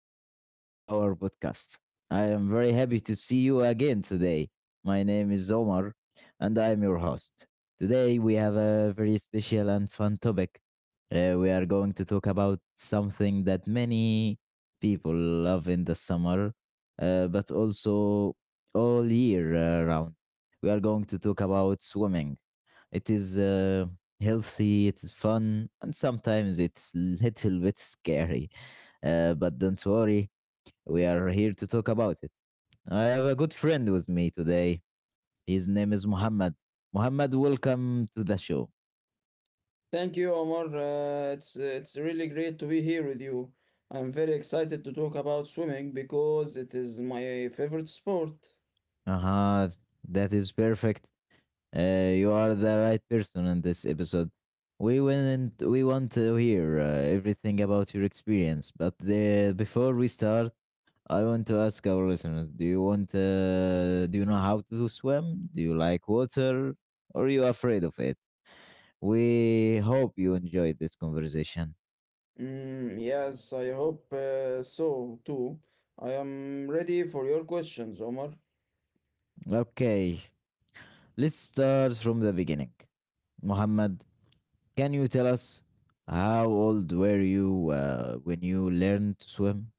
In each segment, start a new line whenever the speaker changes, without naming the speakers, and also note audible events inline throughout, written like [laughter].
Welcome back to our podcast. I am very happy to see you again today. My name is Omar, and I am your host. Today, we have a very special and fun topic. We are going to talk about something that many people love in the summer, but also all year round. We are going to talk about swimming. It is healthy, it is fun, and sometimes it's little bit scary. But don't worry, we are here to talk about it. I have a good friend with me today. His name is Muhammad. Muhammad, welcome to the show.
Thank you, Omar. It's really great to be here with you. I'm very excited to talk about swimming because it is my favorite sport.
Uh huh, that is perfect. You are the right person in this episode. We want to hear everything about your experience, but before we start, I want to ask our listeners: Do you want? Do you know how to swim? Do you like water? Or are you afraid of it? We hope you enjoyed this conversation.
Yes, I hope so too. I am ready for your questions, Omar.
Okay, let's start from the beginning. Muhammad, can you tell us how old were you when you learned to swim?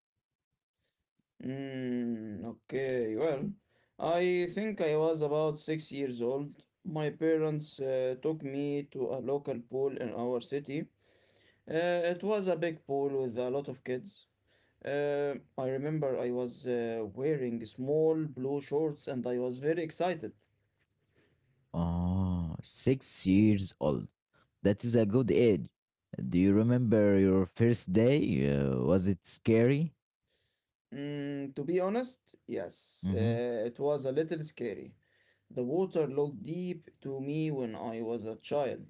Okay, well, I think I was about 6 years old. My parents took me to a local pool in our city. It was a big pool with a lot of kids. I remember I was wearing small blue shorts and I was very excited.
Oh, 6 years old. That is a good age. Do you remember your first day? Was it scary?
To be honest, yes,
Mm-hmm.
it was a little scary. The water looked deep to me when I was a child.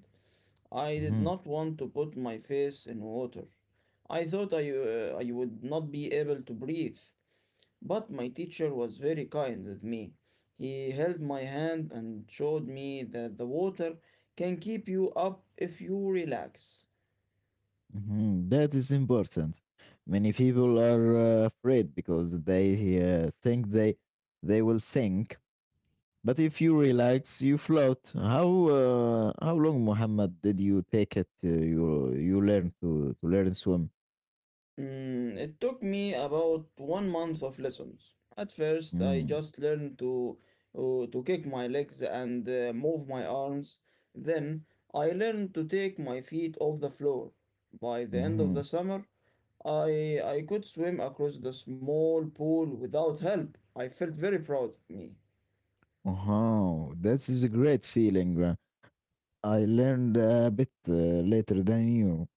I did
Mm-hmm.
not want to put my face in water. I thought I would not be able to breathe, but my teacher was very kind with me. He held my hand and showed me that the water can keep you up if you relax.
Mhm, that is important. Many people are afraid because they think they will sink. But if you relax, you float. How long, Muhammad, did you take it? You learn to learn swim.
It took me about 1 month of lessons. At first, I
Mm.
just learned to kick my legs and move my arms. Then I learned to take my feet off the floor. By the end of
Mm-hmm.
the summer, I could swim across the small pool without help. I felt very proud of me.
Oh, this is a great feeling. I learned a bit later than you.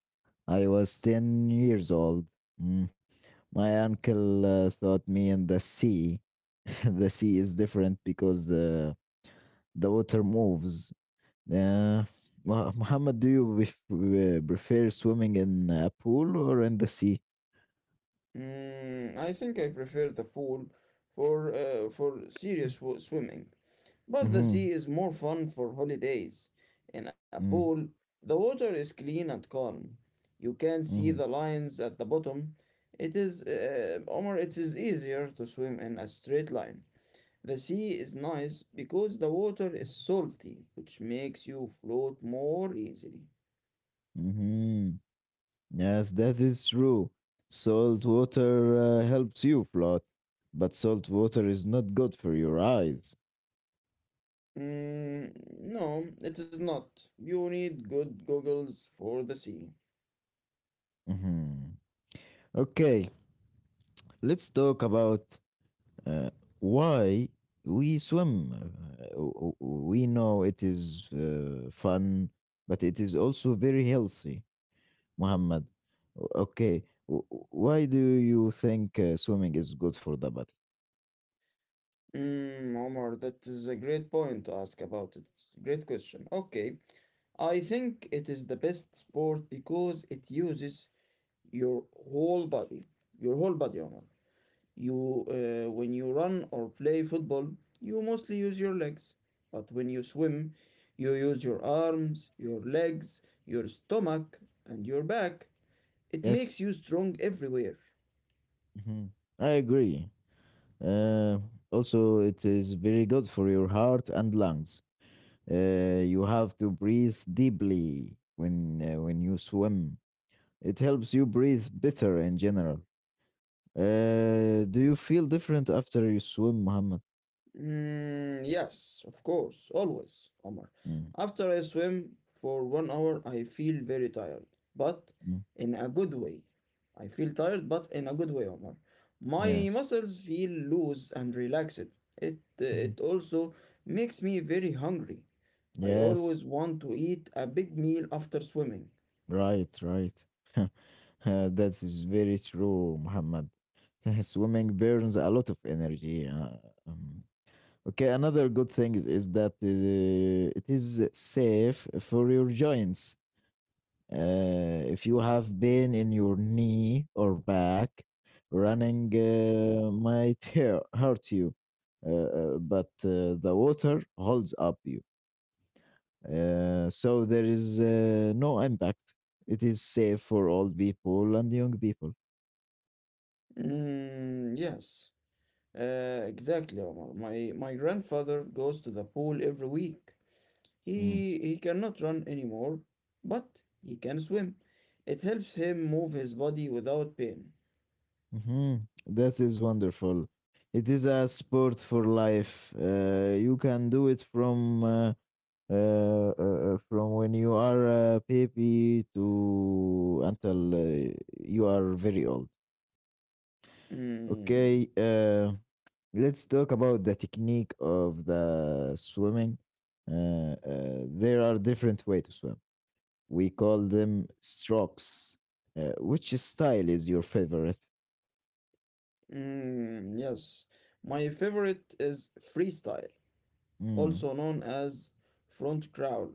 I was 10 years old. Mm. My uncle taught me in the sea. [laughs] The sea is different because the water moves. Uh, Muhammad, do you prefer swimming in a pool or in the sea?
I think I prefer the pool for swimming. But the
Mm-hmm.
sea is more fun for holidays. In a
Mm-hmm.
pool, the water is clean and calm. You can see the
Mm-hmm.
lines at the bottom. Omar, it is easier to swim in a straight line. The sea is nice because the water is salty, which makes you float more easily.
Mm-hmm. Yes, that is true. Salt water helps you float, but salt water is not good for your eyes.
Mm, no, it is not. You need good goggles for the sea.
Mm-hmm. Okay, let's talk about uh, why we swim. We know it is fun, but it is also very healthy, Muhammad. Why do you think swimming is good for the body?
Omar, that is a great point to ask about it. Great question. Okay, I think it is the best sport because it uses your whole body, your whole body, Omar. When you run or play football, you mostly use your legs, but when you swim, you use your arms, your legs, your stomach, and your back. It
Yes,
makes you strong everywhere.
mhm. I agree. Uh, Also, it is very good for your heart and lungs. You have to breathe deeply when you swim. It helps you breathe better in general. Do you feel different after you swim, Muhammad?
Yes, of course, always, Omar.
Mm,
After I swim for 1 hour, I feel very tired, but
mm,
in a good way. I feel tired, but in a good way, Omar. My
yes.
muscles feel loose and relaxed. It
Mhm.
it also makes me very hungry. I
Yes.
always want to eat a big meal after swimming.
Right, right. [laughs] That is very true, Muhammad. [laughs] Swimming burns a lot of energy. Um, okay, another good thing is that it is safe for your joints. If you have pain in your knee or back, running might hurt you, but the water holds up you. So there is no impact. It is safe for old people and young people.
Mm, yes, exactly, Omar. My grandfather goes to the pool every week.
Mm.
He cannot run anymore, but he can swim. It helps him move his body without pain.
Mhm. This is wonderful. It is a sport for life. You can do it uh, uh, from when you are a baby to until you are very old.
Mm,
Okay, let's talk about the technique of the swimming. There are different ways to swim. We call them strokes. Which style is your favorite?
mm, yes. My favorite is freestyle, also
Mm,
known as front crawl.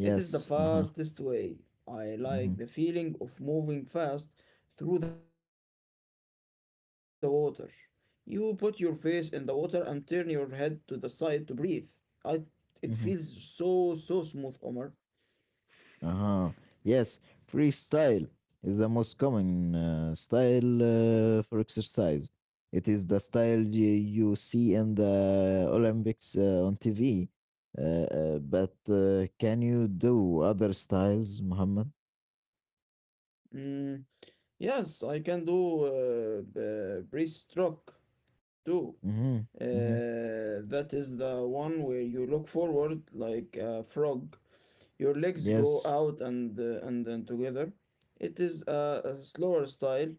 It is the
Uh huh.
fastest way. I
Mm-hmm.
like the feeling of moving fast through the water. You put your face in the water and turn your head to the side to breathe. I, it feels so, so smooth, Omar.
Uh-huh. Yes, freestyle is the most common style for exercise. It is the style you see in the Olympics on TV. But can you do other styles, Muhammad?
Mm, Yes, I can do breaststroke too.
Mm-hmm. Mm-hmm.
That is the one where you look forward like a frog. Your legs go
Yes.
out and then together. It is a slower style.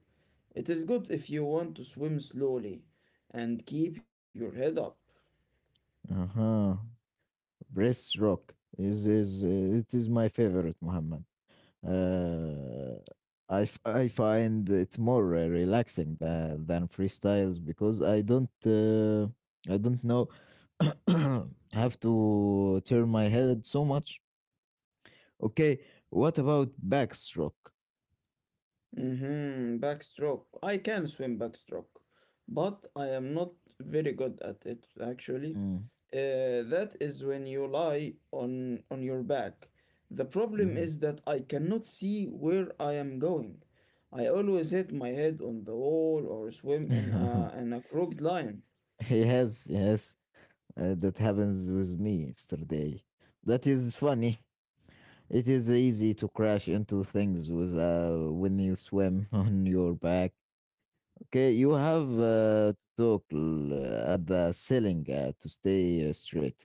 It is good if you want to swim slowly and keep your head up.
Uh-huh. Breast rock is it is my favorite, Muhammad. uh, I find it more relaxing than freestyles because I don't know [coughs] [clears throat] have to turn my head so much. Okay, what about backstroke?
Mm-hmm. Backstroke. I can swim backstroke, but I am not very good at it actually.
Mm,
That is when you lie on your back. The problem
mhm.
is that I cannot see where I am going. I always hit my head on the wall or swim in
[laughs]
in a crooked line.
Yes, yes, that happens with me yesterday. That is funny. It is easy to crash into things with when you swim [laughs] on your back. Okay, you have to talk at the ceiling to stay straight.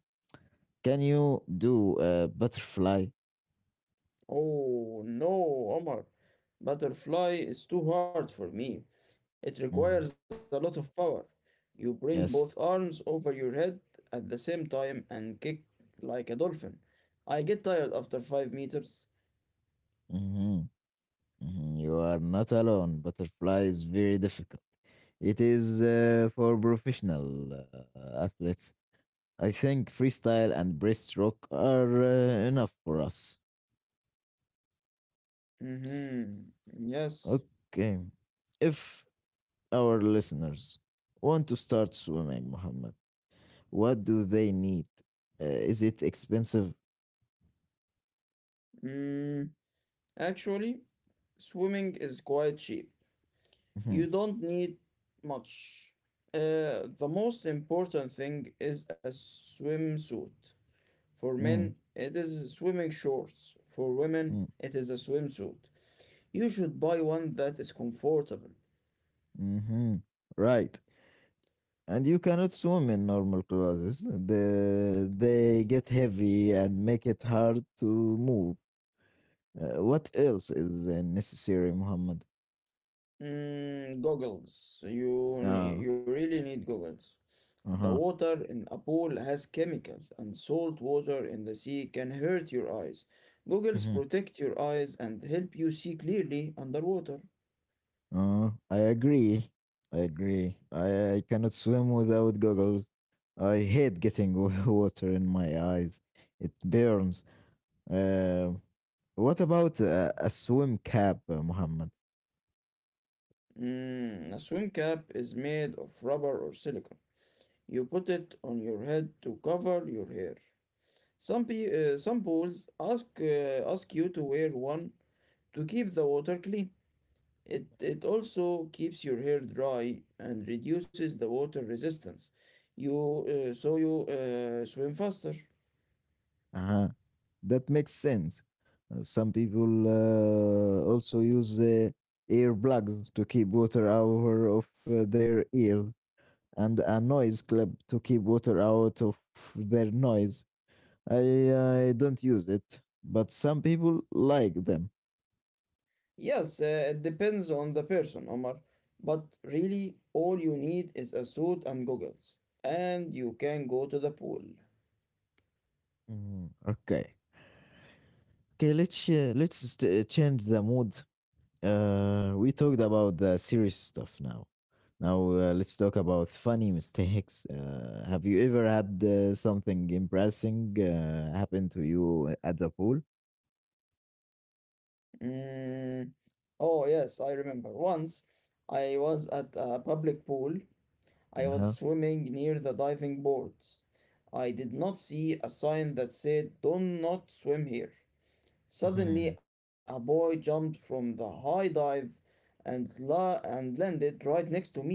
Can you do butterfly?
Oh no, Omar. Butterfly is too hard for me. It requires a lot
Mhm.
of power. You bring both arms
Yes.
over your head at the same time and kick like a dolphin. I get tired after 5 meters.
Hmm, hmm, you are not alone. Butterfly is very difficult. It is for professional athletes. I think freestyle and breaststroke are enough for us.
Mm-hmm. Yes.
Okay. If our listeners want to start swimming, Muhammad. What do they need? Is it expensive?
Mm, actually, swimming is quite cheap. You
Mhm,
don't need much. The most important thing is a swimsuit. For
mm,
men, it is swimming shorts. For women,
mm,
it is a swimsuit. You should buy one that is comfortable.
mhm. Right. And you cannot swim in normal clothes. They get heavy and make it hard to move. What else is necessary, Muhammad?
Goggles.
Ah,
You really need goggles. The
uh-huh.
water in a pool has chemicals, and salt water in the sea can hurt your eyes. Goggles
Mhm.
protect your eyes and help you see clearly underwater.
I agree. I agree. I cannot swim without goggles. I hate getting [laughs] water in my eyes. It burns. Uh, What about a swim cap, Muhammad?
A swim cap is made of rubber or silicone. You put it on your head to cover your hair. Some pe some pools ask ask you to wear one to keep the water clean. It also keeps your hair dry and reduces the water resistance. You so you swim faster.
Uh-huh. That makes sense. Some people also use earplugs to keep water out of their ears and a noise clip to keep water out of their noise. I don't use it, but some people like them.
Yes, it depends on the person, Omar. But really, all you need is a suit and goggles, and you can go to the pool.
Mm, okay. Okay, let's change the mood. We talked about the serious stuff now. Now let's talk about funny [laughs] mistakes. Have you ever had something embarrassing happen to you at the pool?
Mm. Oh yes, I remember. Once, I was at a public pool. I was
Uh-huh. [laughs]
swimming near the diving boards. I did not see a sign that said, "Do not swim here." Suddenly,
Mhm.
a boy jumped from the high dive and landed right next to me.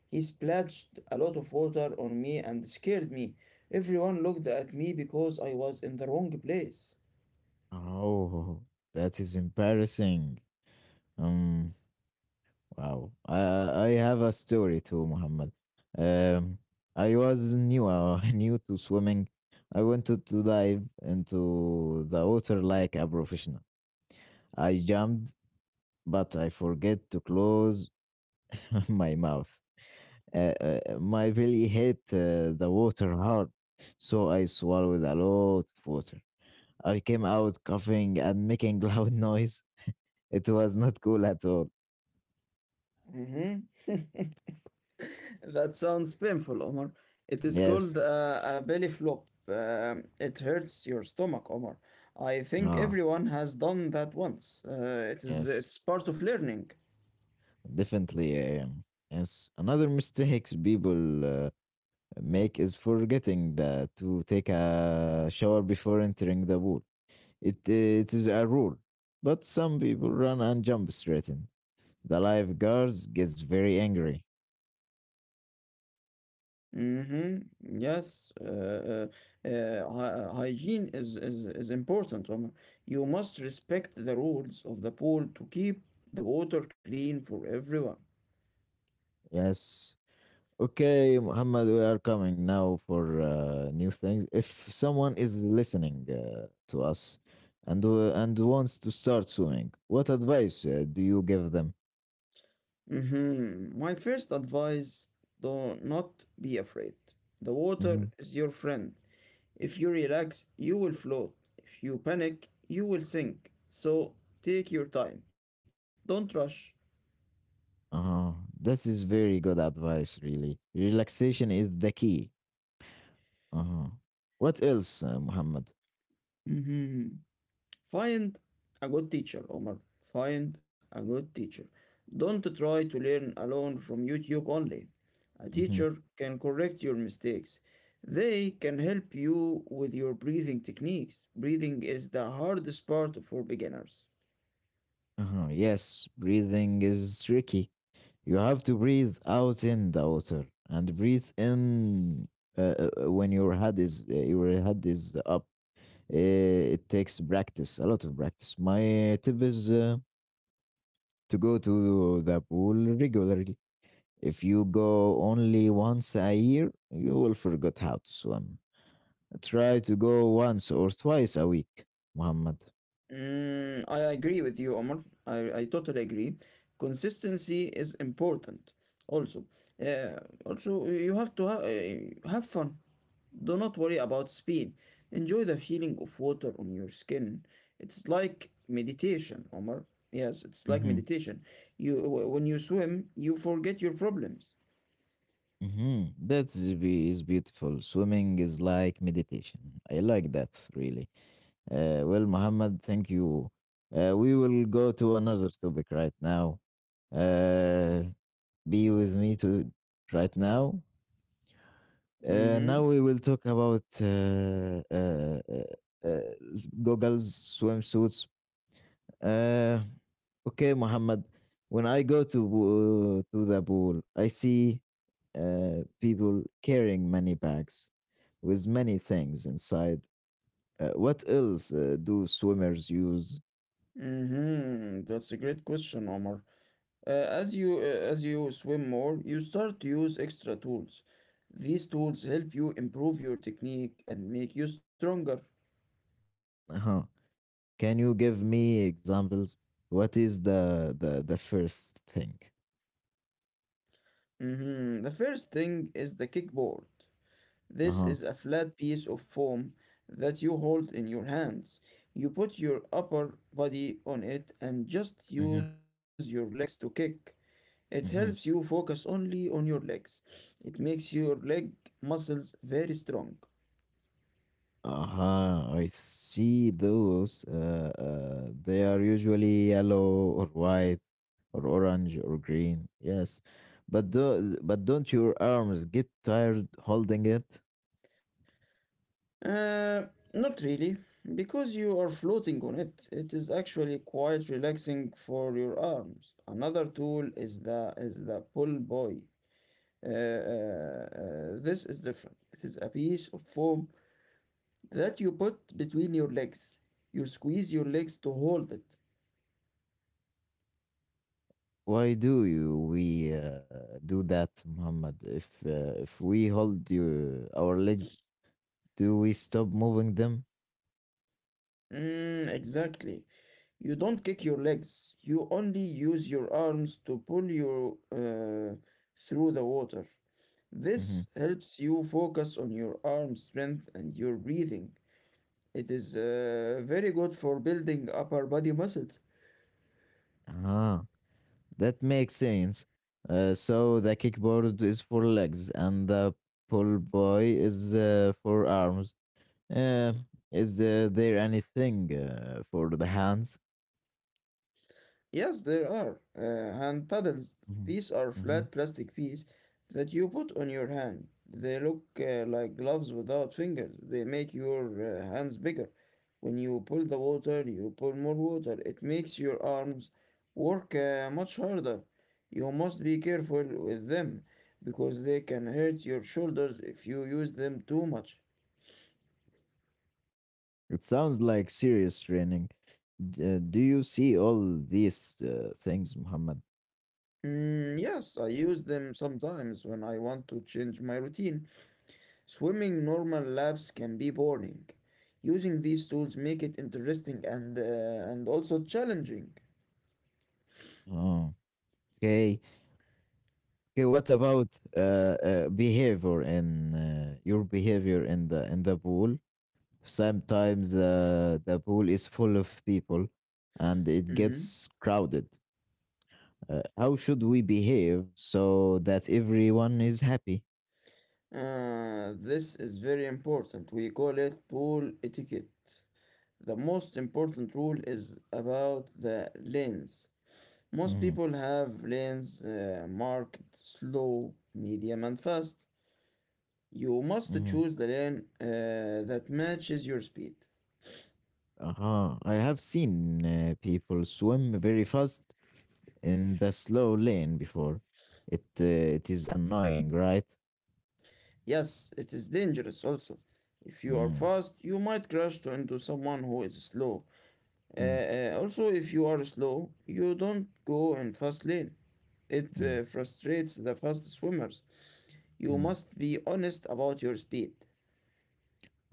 He splashed a lot of water on me and scared me. Everyone looked at me because I was in the wrong place.
Oh, that is embarrassing. Um, wow. I have a story too, Muhammad. Um, I was new, [laughs] new to swimming. I wanted to dive into the water like a professional. I jumped but I forget to close [laughs] my mouth. My belly hit the water hard, so I swallowed a lot of water. I came out coughing and making [laughs] loud noise. It was not cool at all.
Mhm. That sounds painful, Omar. It is called
Yes,
a belly flop. It hurts your stomach, Omar. I think
ah,
everyone has done that once.
yes,
It's part of learning.
definitely. Yes, another mistake people make is forgetting to take a shower before entering the pool. It is a rule, but some people run and jump straight in. The lifeguards gets very angry.
Mm-hmm. Yes. Hy- hygiene is important, Omar. You must respect the rules of the pool to keep the water clean for everyone.
Yes. Okay, Muhammad, we are coming now for new things. If someone is listening to us and wants to start swimming, what advice do you give them?
Mm-hmm. My first advice, do not be afraid. The
Hmm.
water is your friend. If you relax, you will float. If you panic, you will sink. So take your time. Don't rush.
Uh-huh. That is very good advice, really. Relaxation is the key. Uh-huh. What else, Muhammad?
Mhm. Find a good teacher, Omar. Find a good teacher. Don't try to learn alone from YouTube only. A
Hmm.
teacher can correct your mistakes. They can help you with your breathing techniques. Breathing is the hardest part for beginners.
Uh-huh. Yes, breathing is tricky. You have to breathe out in the water and breathe in when your head is up. It takes practice, a lot of practice. My tip is to go to the pool regularly. If you go only once a year, you will forget how to swim. Try to go once or twice a week, Muhammad.
I agree with you, Omar. I totally agree. Consistency is important. Also, uh, also you have to have fun. Do not worry about speed. Enjoy the feeling of water on your skin. It's like meditation, Omar. Yes, it's like
Mm-hmm.
meditation. When you swim, you forget your problems.
Mm-hmm. That is beautiful. Swimming is like meditation. I like that, really. Well, Muhammad, thank you. We will go to another topic right now. Uh, be with me to right now.
Mm-hmm.
Now we will talk about goggles, swimsuits. Uh, okay, Muhammad. When I go to the pool, I see people carrying many bags with many things inside. What else do swimmers use?
Mm-hmm. That's a great question, Omar. Uh, as you uh, as you swim more, you start to use extra tools. These tools help you improve your technique and make you stronger.
[laughs] Can you give me examples? What is the first thing?
Mhm. The first thing is the kickboard. This
Uh
is a
huh.
flat piece of foam that you hold in your hands. You put your upper body on it and just
Mm-hmm.
use your legs to kick. It helps
Mm-hmm.
you focus only on your legs. It makes your leg muscles very strong.
Uh huh. I see those. They are usually yellow or white or orange or green. Yes, but but don't your arms get tired holding it?
Uh, not really, because you are floating on it. It is actually quite relaxing for your arms. Another tool is the pull buoy. This is different. It is a piece of foam that you put between your legs. You squeeze your legs to hold it.
Why do you we do that, Muhammad? If we hold you our legs, do we stop moving them?
Exactly. You don't kick your legs. You only use your arms to pull you through the water.
Mm-hmm.
This helps you focus on your arm strength and your breathing. It is very good for building upper body muscles.
Uh-huh. That makes sense. So the kickboard is for legs and the pull boy is for arms. Uh, is there anything for the hands?
Yes, there are hand paddles.
Hmm,
These are
hmm,
flat plastic pieces that you put on your hand. They look like gloves without fingers. They make your hands bigger. When you pull the water, you pull more water. It makes your arms work much harder. You must be careful with them because they can hurt your shoulders if you use them too much.
it sounds like serious training. Do you see all these things, Muhammad?
Yes, I use them sometimes when I want to change my routine. Swimming normal laps can be boring. Using these tools make it interesting and also challenging.
Oh, okay. Okay. What about uh, behavior in your behavior in the pool? Sometimes the pool is full of people and it
Mhm.
gets crowded. How should we behave so that everyone is happy?
This is very important. We call it pool etiquette. The most important rule is about the lanes. Most
Hmm,
people have lanes marked slow, medium, and fast. You must
hmm.
choose the lane that matches your speed.
Uh-huh. I have seen people swim very fast in the slow lane before. It is annoying, right?
Yes, it is dangerous also. If you are
Mm,
fast, you might into someone who is slow.
mm,
Also, if you are slow, you don't go in fast lane. It
mm,
uh, frustrates the fast swimmers. You
mm.
must be honest about your speed.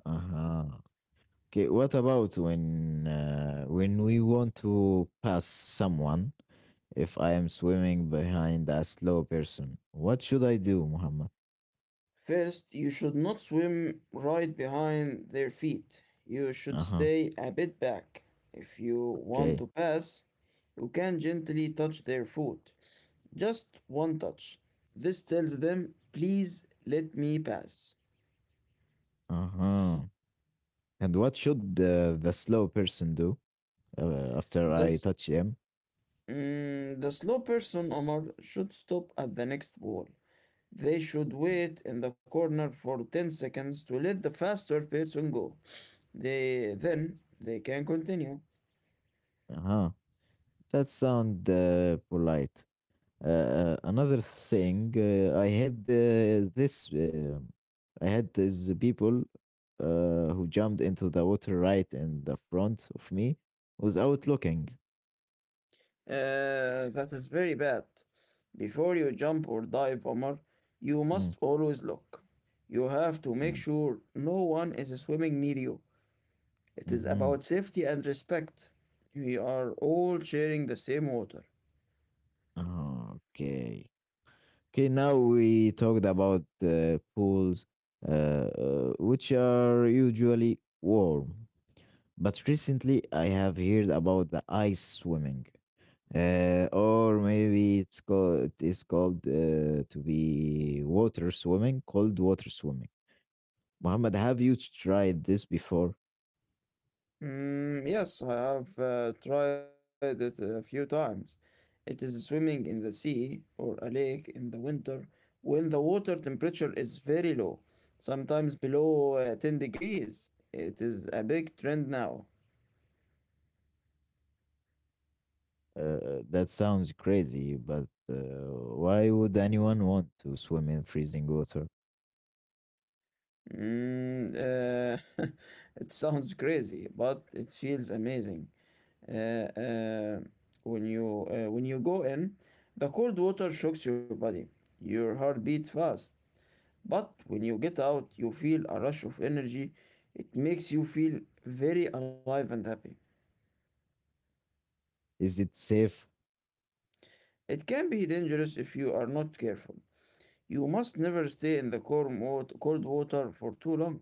Uh-huh. Okay, what about when we want to pass someone? If I am swimming behind a slow person, what should I do, Muhammad?
First, you should not swim right behind their feet. You should
Uh huh.
stay a bit back. If you want
Okay.
to pass, you can gently touch their foot. Just one touch. This tells them, please let me pass.
Uh huh. And what should the slow person do after I
Thus,
touch him?
the slow person, Omar, should stop at the next wall. They should wait in the corner for 10 seconds to let the faster person go. Then they can continue.
Uh huh. That sound polite. Another thing, I had this, I had these people who jumped into the water right in the front of me without looking.
That is very bad. Before you jump or dive, Omar, you
Mm,
must always look. You have to make
mm,
sure no one is swimming near you. It is
mhm.
about safety and respect. We are all sharing the same water.
Okay. Okay, now we talked about pools, which are usually warm. But recently I have heard about the ice swimming. Or maybe it is called to be water swimming, cold water swimming. Muhammad, have you tried this before?
Yes, I have tried it a few times. It is swimming in the sea or a lake in the winter when the water temperature is very low, sometimes below 10 degrees. It is a big trend now.
That sounds crazy, but why would anyone want to swim in freezing water?
Mm, uh, [laughs] it sounds crazy, but it feels amazing. Uh, uh, when you go in, the cold water shocks your body. Your heart beats fast, but when you get out, you feel a rush of energy. It makes you feel very alive and happy.
Is it safe?
It can be dangerous if you are not careful. You must never stay in the cold water for too long.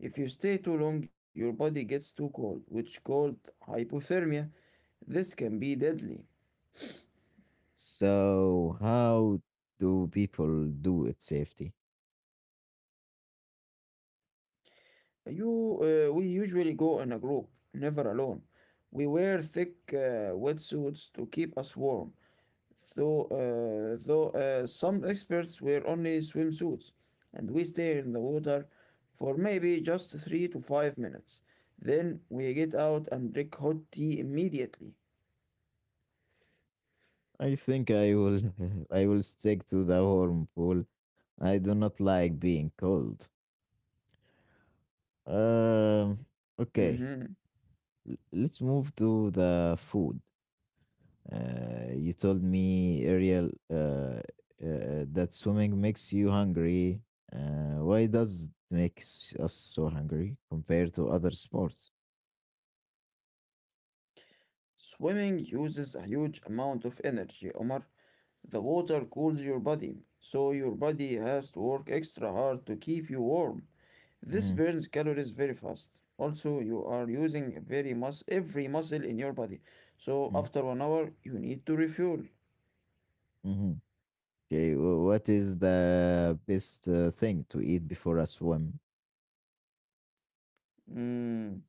If you stay too long, your body gets too cold, which is called hypothermia. This can be deadly.
So how do people do it safety?
You, we usually go in a group, never alone. We wear thick wetsuits to keep us warm. Though some experts wear only swimsuits, and we stay in the water for maybe just 3 to 5 minutes. Then we get out and drink hot tea immediately.
I think I will [laughs] I will stick to the warm pool. I do not like being cold.
Mhm.
Um, okay. Let's move to the food. You told me, Ariel, that swimming makes you hungry. Why does it makes us so hungry compared to other sports?
Swimming uses a huge amount of energy, Omar. The water cools your body, so your body has to work extra hard to keep you warm. This burns
Mm,
calories very fast. Also, you are using very mus every muscle in your body. So
mm,
after 1 hour, you need to refuel.
hmm. Okay, what is the best thing to eat before a swim?
Mm.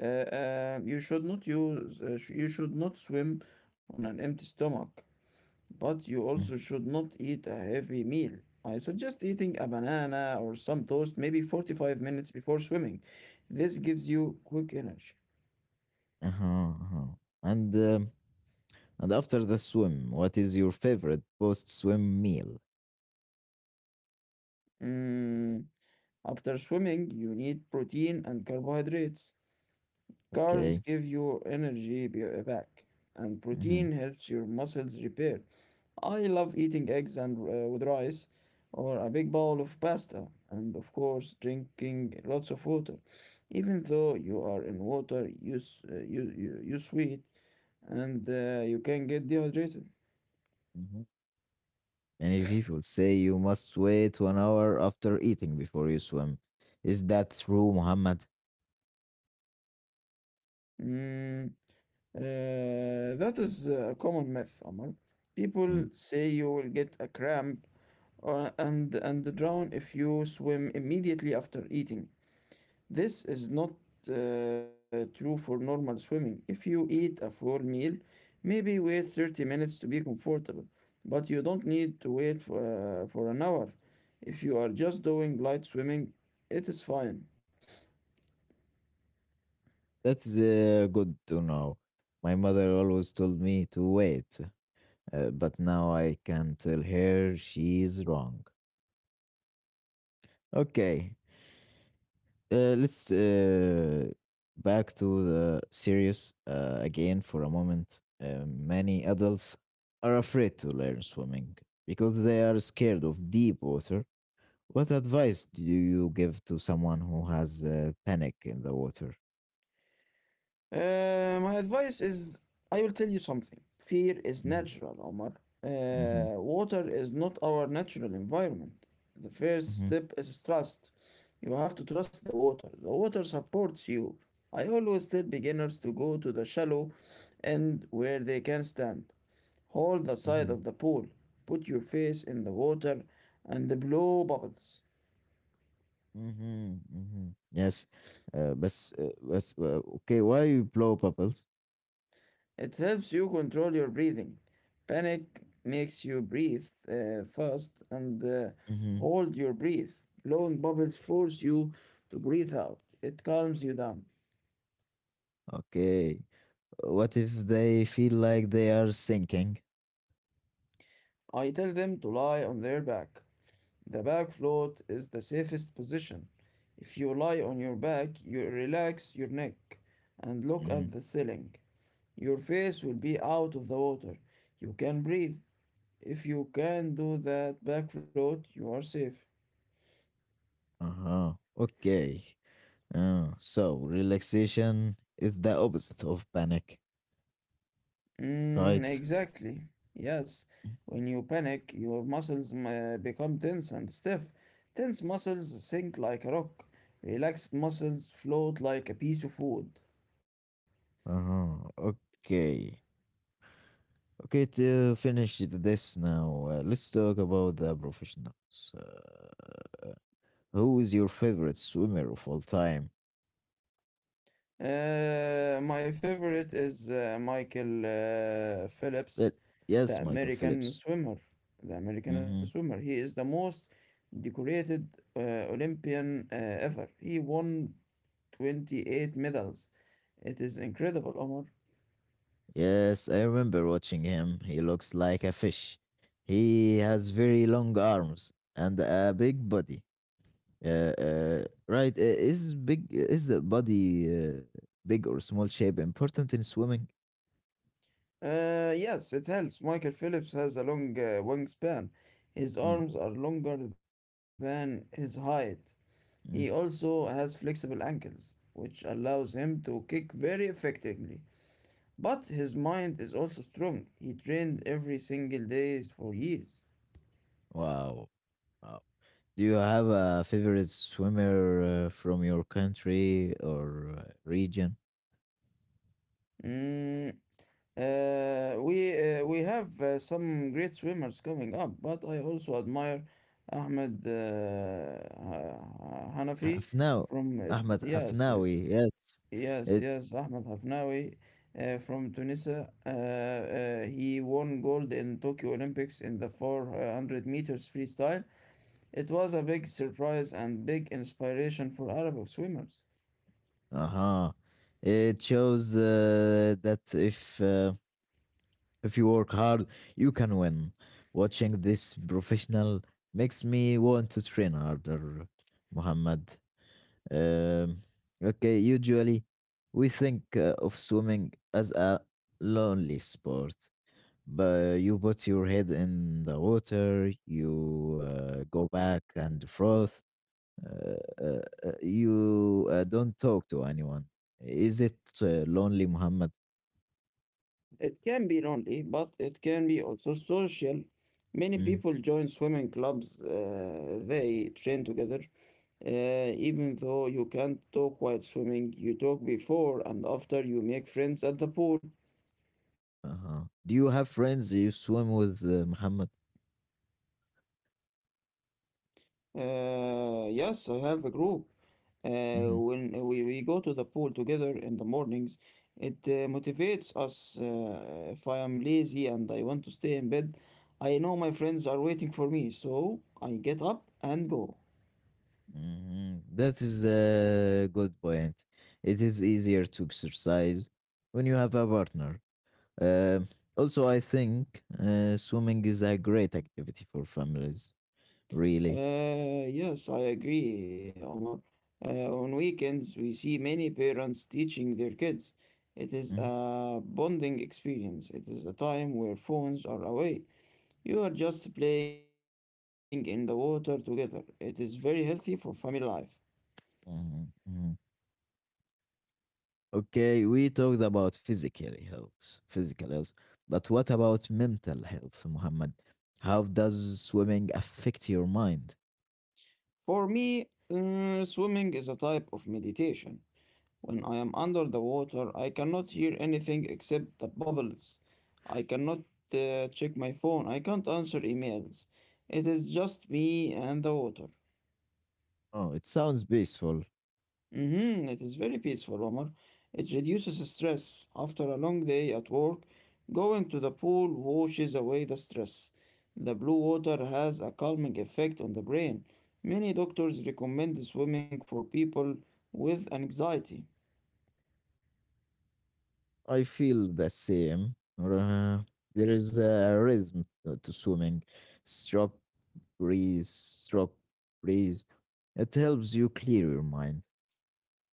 You should not use. Sh- You should not swim on an empty stomach. But you
Mm,
also should not eat a heavy meal. I suggest eating a banana or some toast maybe 45 minutes before swimming. This gives you quick energy.
uh-huh, uh-huh. And um, and after the swim, what is your favorite post-swim meal?
Mm. After swimming, you need protein and carbohydrates.
Okay.
Carbs give you energy back, and
Mm-hmm.
protein helps your muscles repair. I love eating eggs and with rice, or a big bowl of pasta, and of course drinking lots of water. Even though you are in water, you sweat, and you can get dehydrated.
Mm-hmm. Many people say you must wait 1 hour after eating before you swim. Is that true, Muhammad?
Mm, that is a common myth, Omar. People
Mm,
say you will get a cramp or and drown if you swim immediately after eating. This is not true for normal swimming. If you eat a full meal, maybe wait 30 minutes to be comfortable, but you don't need to wait for an hour. If you are just doing light swimming, it is fine.
that's good to know. My mother always told me to wait, but now I can tell her she's wrong. Okay, let's back to the serious again for a moment. Many adults are afraid to learn swimming because they are scared of deep water. What advice do you give to someone who has panic in the water?
My advice is I will tell you something. Fear is
Mhm,
natural, Omar.
mhm,
Water is not our natural environment. The first
mhm,
step is trust. You have to trust the water. The water supports you. I always tell beginners to go to the shallow end where they can stand. Hold the side
mhm,
of the pool, put your face in the water, and blow bubbles.
mhm, mhm. Yes, but okay, why you blow bubbles?
It helps you control your breathing. Panic makes you breathe fast and
Hmm.
hold your breath. Blowing bubbles force you to breathe out. It calms you down.
Okay, what if they feel like they are sinking?
I tell them to lie on their back. The back float is the safest position. If you lie on your back, you relax your neck and look
Hmm.
at the ceiling. Your face will be out of the water. You can breathe. If you can do that back float, you are safe.
Uh huh. Okay. So relaxation is the opposite of panic,
Mm,
right?
exactly. Yes. When you panic, your muscles become tense and stiff. Tense muscles sink like a rock. Relaxed muscles float like a piece of wood.
Uh huh. Okay. Okay, to finish this now, let's talk about the professionals. Who is your favorite swimmer of all time?
My favorite is Michael Phillips,
Well, yes,
the
Michael
American
Phillips.
swimmer. The American
Hmm.
swimmer. He is the most decorated Olympian ever. He won 28 medals. It is incredible, Omar.
Yes, I remember watching him. He looks like a fish. He has very long arms and a big body. Right, is the body big or small shape important in swimming?
Yes, it helps. Michael Phillips has a long wingspan. His
Mm,
arms are longer than his height. He
mm.
also has flexible ankles, which allows him to kick very effectively. But his mind is also strong. He trained every single day for years.
Wow. Wow. Do you have a favorite swimmer from your country or region?
Mm, we have some great swimmers coming up, but I also admire Ahmed Hanafi
Afnao,
from
Ahmed
yes.
Afnawi, yes.
Yes,
It
yes, Ahmed Hafnaoui from Tunisia. He won gold in Tokyo Olympics in the 400 meters freestyle. It was a big surprise and big inspiration for Arab swimmers.
uh-huh. It shows that if you work hard, you can win. Watching this professional makes me want to train harder, Muhammad. Um, okay, usually we think of swimming as a lonely sport, but you put your head in the water, you go back and froth, uh, uh, you don't talk to anyone. Is it lonely, Muhammad?
It can be lonely, but it can be also social. Many people
Mm,
join swimming clubs. They train together. Even though you can't talk while swimming, you talk before and after you make friends at the pool.
uh-huh. Do you have friends you swim with, Muhammad?
Yes, I have a group. Uh,
Mhm,
we go to the pool together in the mornings, it motivates us. If I am lazy and I want to stay in bed, I know my friends are waiting for me, so I get up and go.
mhm. That is a good point. It is easier to exercise when you have a partner. Uh. Also, I think swimming is a great activity for families, really.
Yes, I agree, Omar. On weekends, we see many parents teaching their kids. It is
Mm-hmm.
a bonding experience. It is a time where phones are away. You are just playing in the water together. It is very healthy for family life.
Mhm, mhm. Okay, we talked about physical health, but what about mental health, Muhammad? How does swimming affect your mind?
For me, swimming is a type of meditation. When I am under the water, I cannot hear anything except the bubbles. I cannot check my phone. I can't answer emails. It is just me and the water.
Oh, it sounds peaceful.
Mm-hmm. It is very peaceful, Omar. It reduces stress. After a long day at work, going to the pool washes away the stress. The blue water has a calming effect on the brain. Many doctors recommend swimming for people with anxiety.
I feel the same. Uh, there is a rhythm to swimming. Stroke, breathe, stroke, breathe. It helps you clear your mind.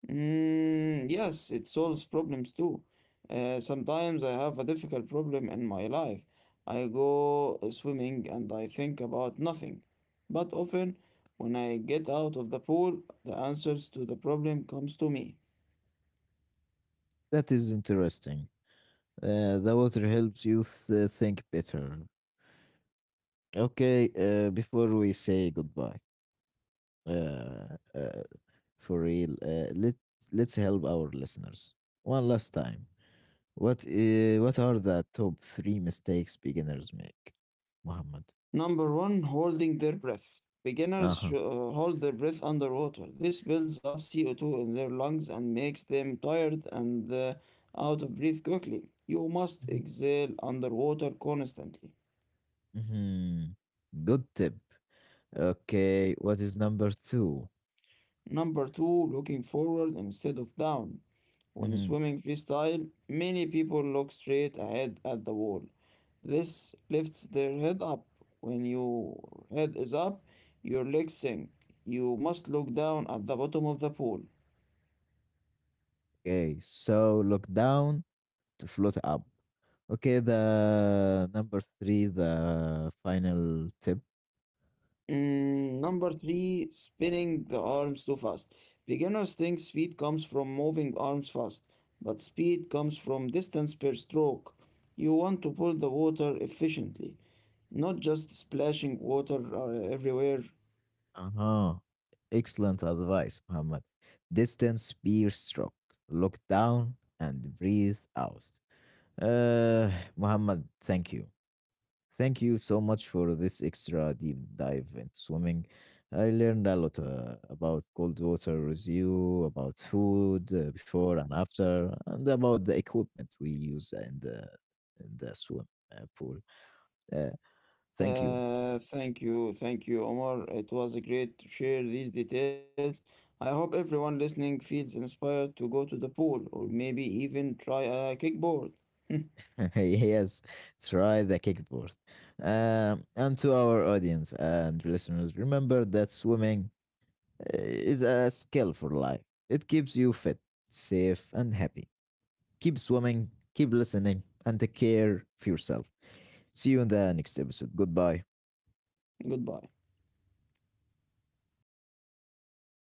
Mm, yes, it solves problems too. Sometimes I have a difficult problem in my life. I go swimming and I think about nothing. But often, when I get out of the pool, the answers to the problem comes to me.
That is interesting. The water helps you think better. Okay, before we say goodbye, uh, uh, for real, let's help our listeners one last time. What are the top three mistakes beginners make, Muhammad?
Number one, holding their breath. Beginners
Uh
sh-
huh.
uh, hold their breath underwater. This builds up CO2 in their lungs and makes them tired and out of breath quickly. You must exhale underwater constantly.
Hmm. Good tip. Okay, what is number 2?
Number two, looking forward instead of down. When
Mm-hmm.
swimming freestyle, many people look straight ahead at the wall. This lifts their head up. When your head is up, your legs sink. You must look down at the bottom of the pool.
Okay, so look down to float up. Okay, the number three, the final tip.
Mm, number three, spinning the arms too fast. Beginners think speed comes from moving arms fast, but speed comes from distance per stroke. You want to pull the water efficiently, not just splashing water everywhere.
Uh-huh. Excellent advice, Muhammad. Distance spear stroke. Look down and breathe out. Uh, Muhammad, thank you. Thank you so much for this extra deep dive into swimming. I learned a lot about cold water with you, about food before and after, and about the equipment we use in the swim pool. Uh, thank you.
Thank you, thank you, Omar. It was great to share these details. I hope everyone listening feels inspired to go to the pool or maybe even try a kickboard.
[laughs] Yes, try the kickboard. And to our audience and listeners, remember that swimming is a skill for life. It keeps you fit, safe, and happy. Keep swimming, keep listening, and take care of yourself. See you in the next episode. Goodbye.
[laughs] Goodbye.